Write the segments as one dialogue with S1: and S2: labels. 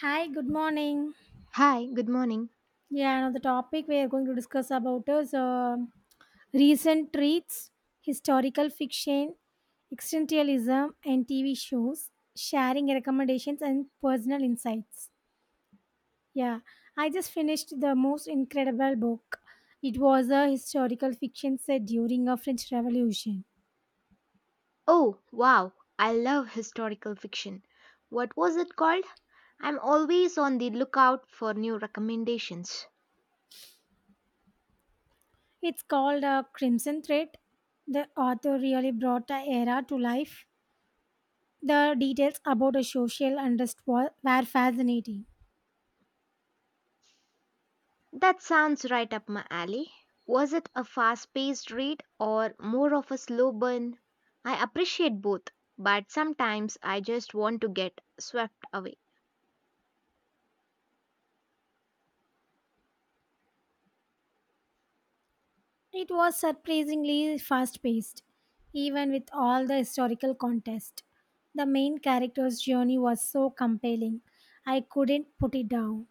S1: Hi, good morning.
S2: Hi, good morning.
S1: Yeah, now the topic we are going to discuss about is recent treats, historical fiction, existentialism, and TV shows, sharing recommendations and personal insights. Yeah, I just finished the most incredible book. It was a historical fiction set during a French Revolution.
S2: Oh, wow, I love historical fiction. What was it called? I'm always on the lookout for new recommendations.
S1: It's called Crimson Thread. The author really brought the era to life. The details about a social were fascinating.
S2: That sounds right up my alley. Was it a fast paced read or more of a slow burn? I appreciate both, but sometimes I just want to get swept away.
S1: It was surprisingly fast paced, even with all the historical context. The main character's journey was so compelling, I couldn't put it down.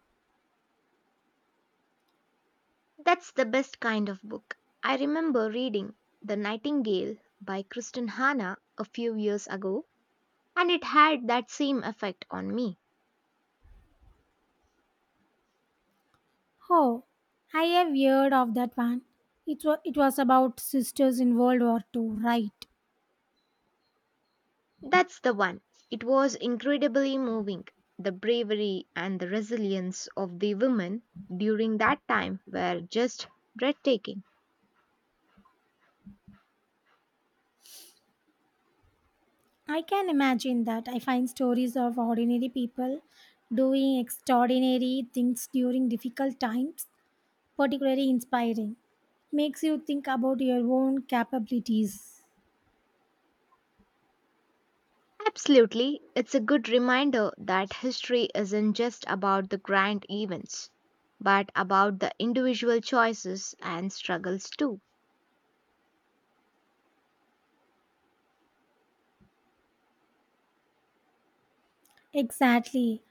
S2: That's the best kind of book. I remember reading The Nightingale by Kristen Hanna a few years ago and it had that same effect on me.
S1: Oh, I have heard of that one. It was about sisters in World War Two, right?
S2: That's the one. It was incredibly moving. The bravery and the resilience of the women during that time were just breathtaking.
S1: I can imagine that. I find stories of ordinary people doing extraordinary things during difficult times particularly inspiring. Makes you think about your own capabilities.
S2: Absolutely, it's a good reminder that history isn't just about the grand events, but about the individual choices and struggles too.
S1: Exactly.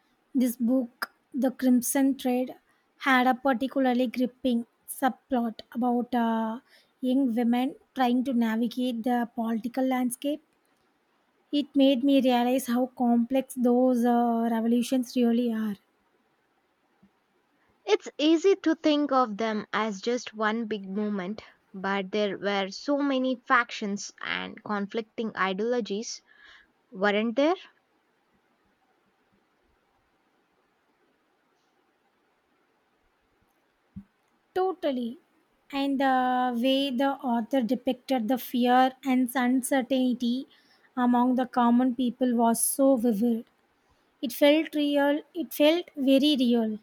S1: This book, The Crimson Thread, had a particularly gripping subplot about young women trying to navigate the political landscape. It made me realize how complex those revolutions really are.
S2: It's easy to think of them as just one big movement, but there were so many factions and conflicting ideologies, weren't there?
S1: Totally. And the way the author depicted the fear and uncertainty among the common people was so vivid. It felt real, it felt very real.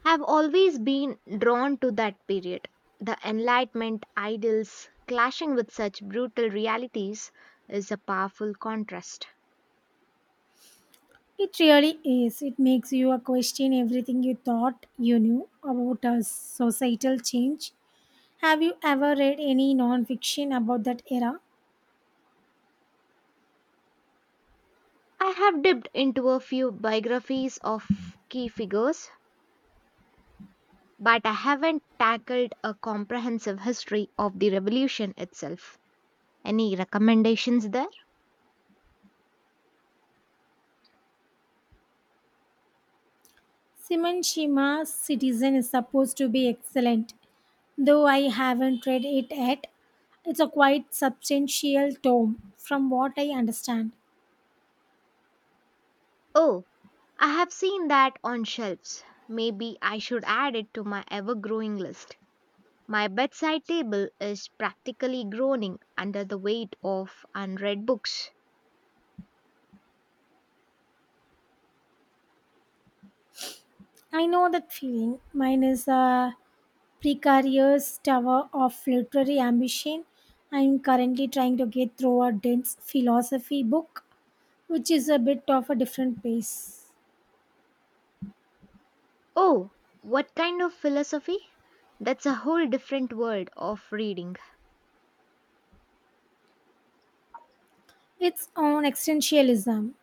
S2: Have always been drawn to that period. The Enlightenment ideals clashing with such brutal realities is a powerful contrast.
S1: It really is. It makes you a question everything you thought you knew about a societal change. Have you ever read any non-fiction about that era?
S2: I have dipped into a few biographies of key figures, but I haven't tackled a comprehensive history of the revolution itself. Any recommendations there?
S1: Simon Shima's Citizen is supposed to be excellent, though I haven't read it yet. It's a quite substantial tome, from what I understand.
S2: Oh, I have seen that on shelves. Maybe I should add it to my ever growing list. My bedside table is practically groaning under the weight of unread books.
S1: I know that feeling. Mine is precarious tower of literary ambition. I'm currently trying to get through a dense philosophy book, which is a bit of a different pace.
S2: Oh, what kind of philosophy? That's a whole different world of reading.
S1: It's on existentialism.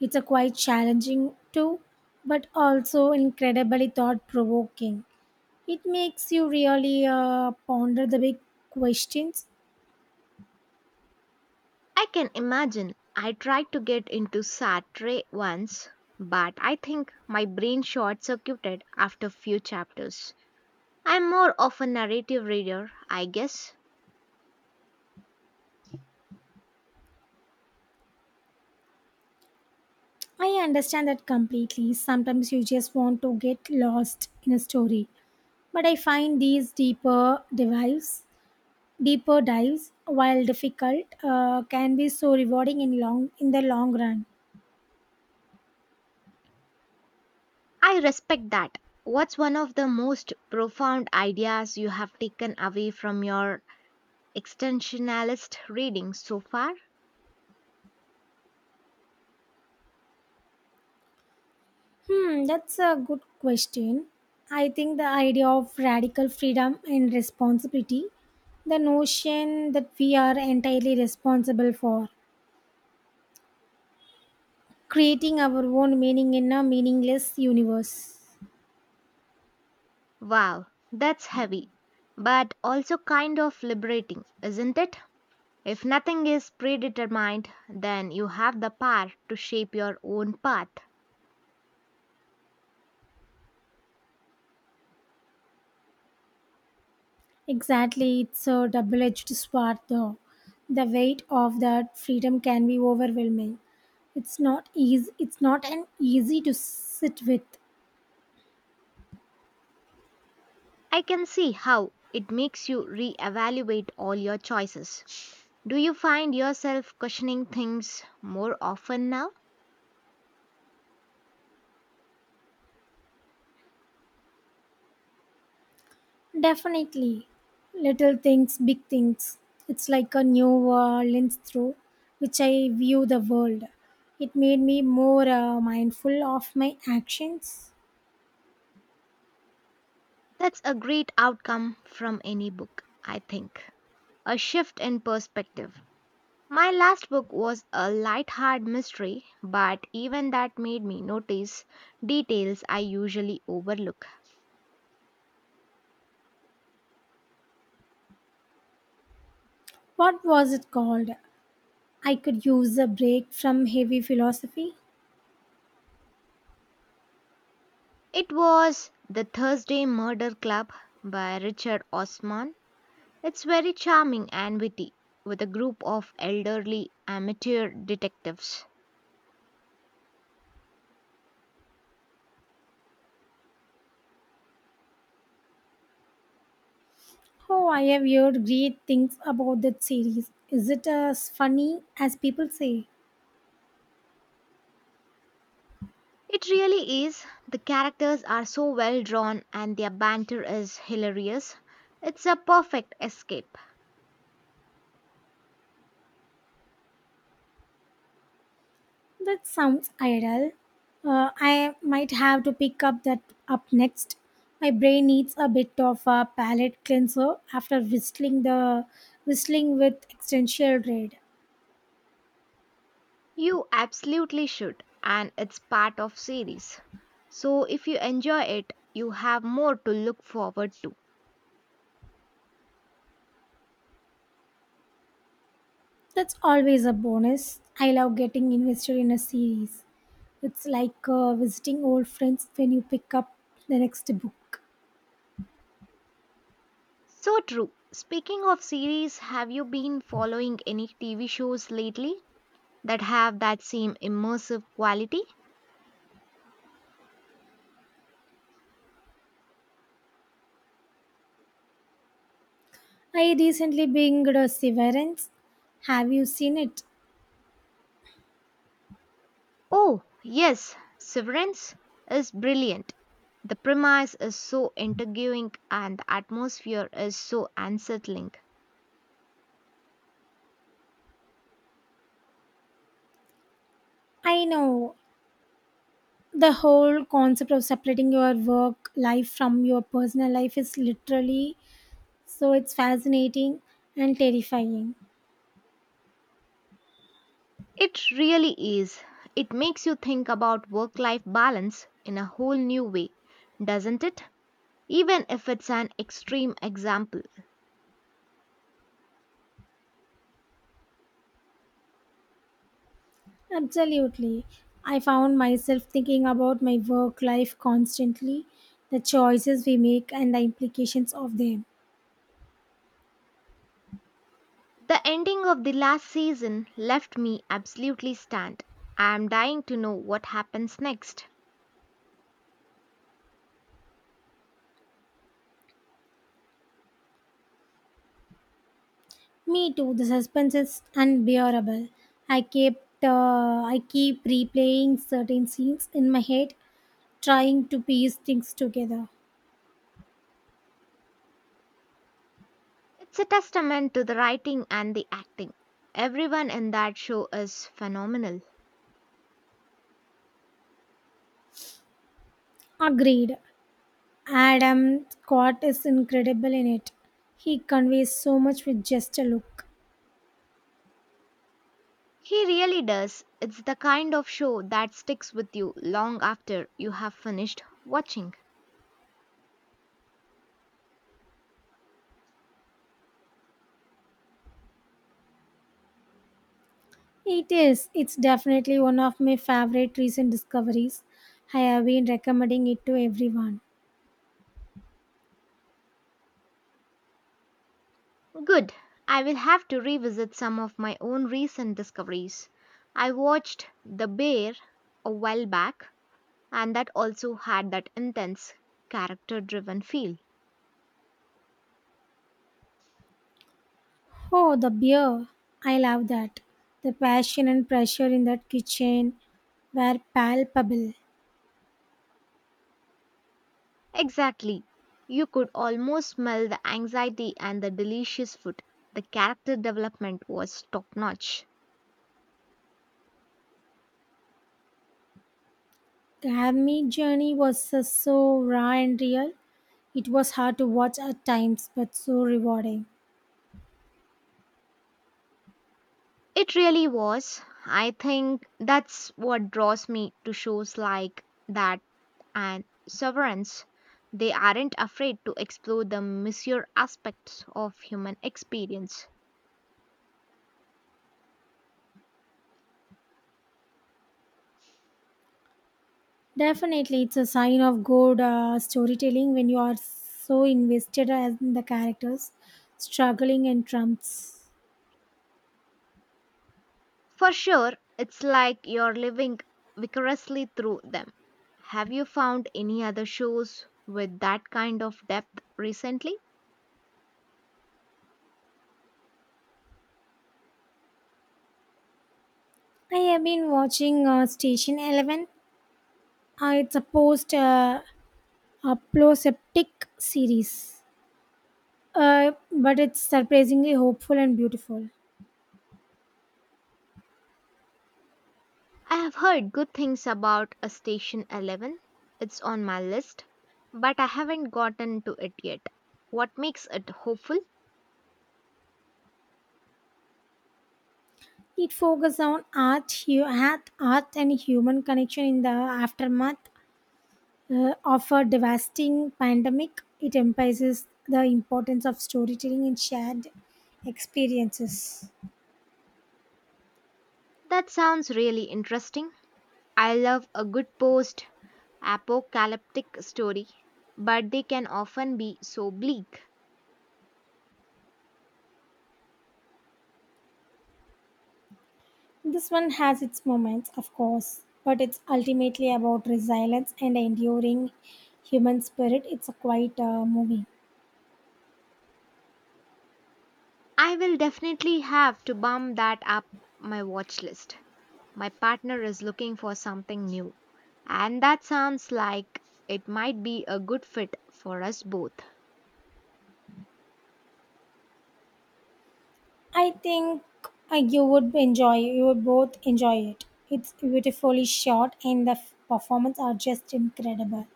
S1: It's a quite challenging too, but also incredibly thought provoking. It makes you really ponder the big questions.
S2: I can imagine I tried to get into Sartre once, but I think my brain short circuited after few chapters. I'm more of a narrative reader, I guess.
S1: I understand that completely. Sometimes you just want to get lost in a story. But I find these Deeper dives, while difficult, can be so rewarding in the long run.
S2: I respect that. What's one of the most profound ideas you have taken away from your extensionalist reading so far?
S1: Hmm, that's a good question. I think the idea of radical freedom and responsibility, the notion that we are entirely responsible for creating our own meaning in a meaningless universe.
S2: Wow, that's heavy, but also kind of liberating, isn't it? If nothing is predetermined, then you have the power to shape your own path.
S1: Exactly, it's a double edged sword though. The weight of that freedom can be overwhelming. It's not an easy to sit with.
S2: I can see how it makes you reevaluate all your choices. Do you find yourself questioning things more often now?
S1: Definitely. Little things, big things. It's like a new lens through which I view the world. It made me more mindful of my actions.
S2: That's a great outcome from any book, I think. A shift in perspective. My last book was a light-hearted mystery, but even that made me notice details I usually overlook.
S1: What was it called? I could use a break from heavy philosophy.
S2: It was The Thursday Murder Club by Richard Osman. It's very charming and witty, with a group of elderly amateur detectives.
S1: Oh, I have heard great things about that series. Is it as funny as people say?
S2: It really is. The characters are so well drawn and their banter is hilarious. It's a perfect escape.
S1: That sounds ideal. I might have to pick up that up next. My brain needs a bit of a palate cleanser after whistling with existential dread.
S2: You absolutely should and it's part of series. So if you enjoy it, you have more to look forward to.
S1: That's always a bonus. I love getting invested in a series. It's like visiting old friends when you pick up the next book.
S2: So true. Speaking of series, have you been following any TV shows lately that have that same immersive quality?
S1: I recently binged Severance. Have you seen it?
S2: Oh, yes, Severance is brilliant. The premise is so intriguing and the atmosphere is so unsettling.
S1: I know the whole concept of separating your work life from your personal life is literally so it's fascinating and terrifying.
S2: It really is. It makes you think about work life balance in a whole new way, doesn't it? Even if it's an extreme example.
S1: Absolutely, I found myself thinking about my work life constantly, the choices we make and the implications of them.
S2: The ending of the last season left me absolutely stunned. I am dying to know what happens next.
S1: Me too, the suspense is unbearable. I kept uh, I keep replaying certain scenes in my head, trying to piece things together.
S2: It's a testament to the writing and the acting. Everyone in that show is phenomenal.
S1: Agreed, Adam Scott is incredible in it. He conveys so much with just a look.
S2: He really does. It's the kind of show that sticks with you long after you have finished watching.
S1: It is. It's definitely one of my favorite recent discoveries. I have been recommending it to everyone.
S2: Good. I will have to revisit some of my own recent discoveries. I watched The Bear a while back, and that also had that intense character driven feel.
S1: Oh, the beer. I love that. The passion and pressure in that kitchen were palpable.
S2: Exactly. You could almost smell the anxiety and the delicious food. The character development was top notch.
S1: The Hammy journey was so raw and real. It was hard to watch at times, but so rewarding.
S2: It really was. I think that's what draws me to shows like that and Severance. They aren't afraid to explore the messier aspects of human experience.
S1: Definitely, it's a sign of good storytelling when you are so invested as in the characters struggling and trumps.
S2: For sure, it's like you're living vicariously through them. Have you found any other shows with that kind of depth recently?
S1: I have been watching Station 11. It's a post apocalyptic series, but it's surprisingly hopeful and beautiful.
S2: I have heard good things about a Station 11. It's on my list, but I haven't gotten to it yet. What makes it hopeful?
S1: It focuses on art and human connection in the aftermath of a devastating pandemic. It emphasizes the importance of storytelling and shared experiences.
S2: That sounds really interesting. I love a good post apocalyptic story, but they can often be so bleak.
S1: This one has its moments, of course, but it's ultimately about resilience and enduring human spirit. It's a quite movie.
S2: I will definitely have to bump that up my watch list. My partner is looking for something new, and that sounds like it might be a good fit for us both.
S1: I think You would both enjoy it. It's beautifully shot, and the performance are just incredible.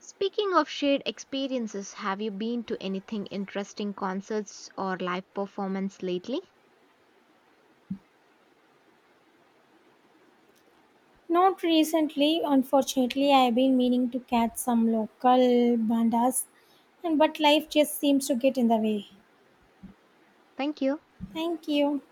S2: Speaking of shared experiences, have you been to anything interesting concerts or live performance lately?
S1: Not recently, unfortunately. I've been meaning to catch some local bandas, and but life just seems to get in the way.
S2: Thank you.
S1: Thank you.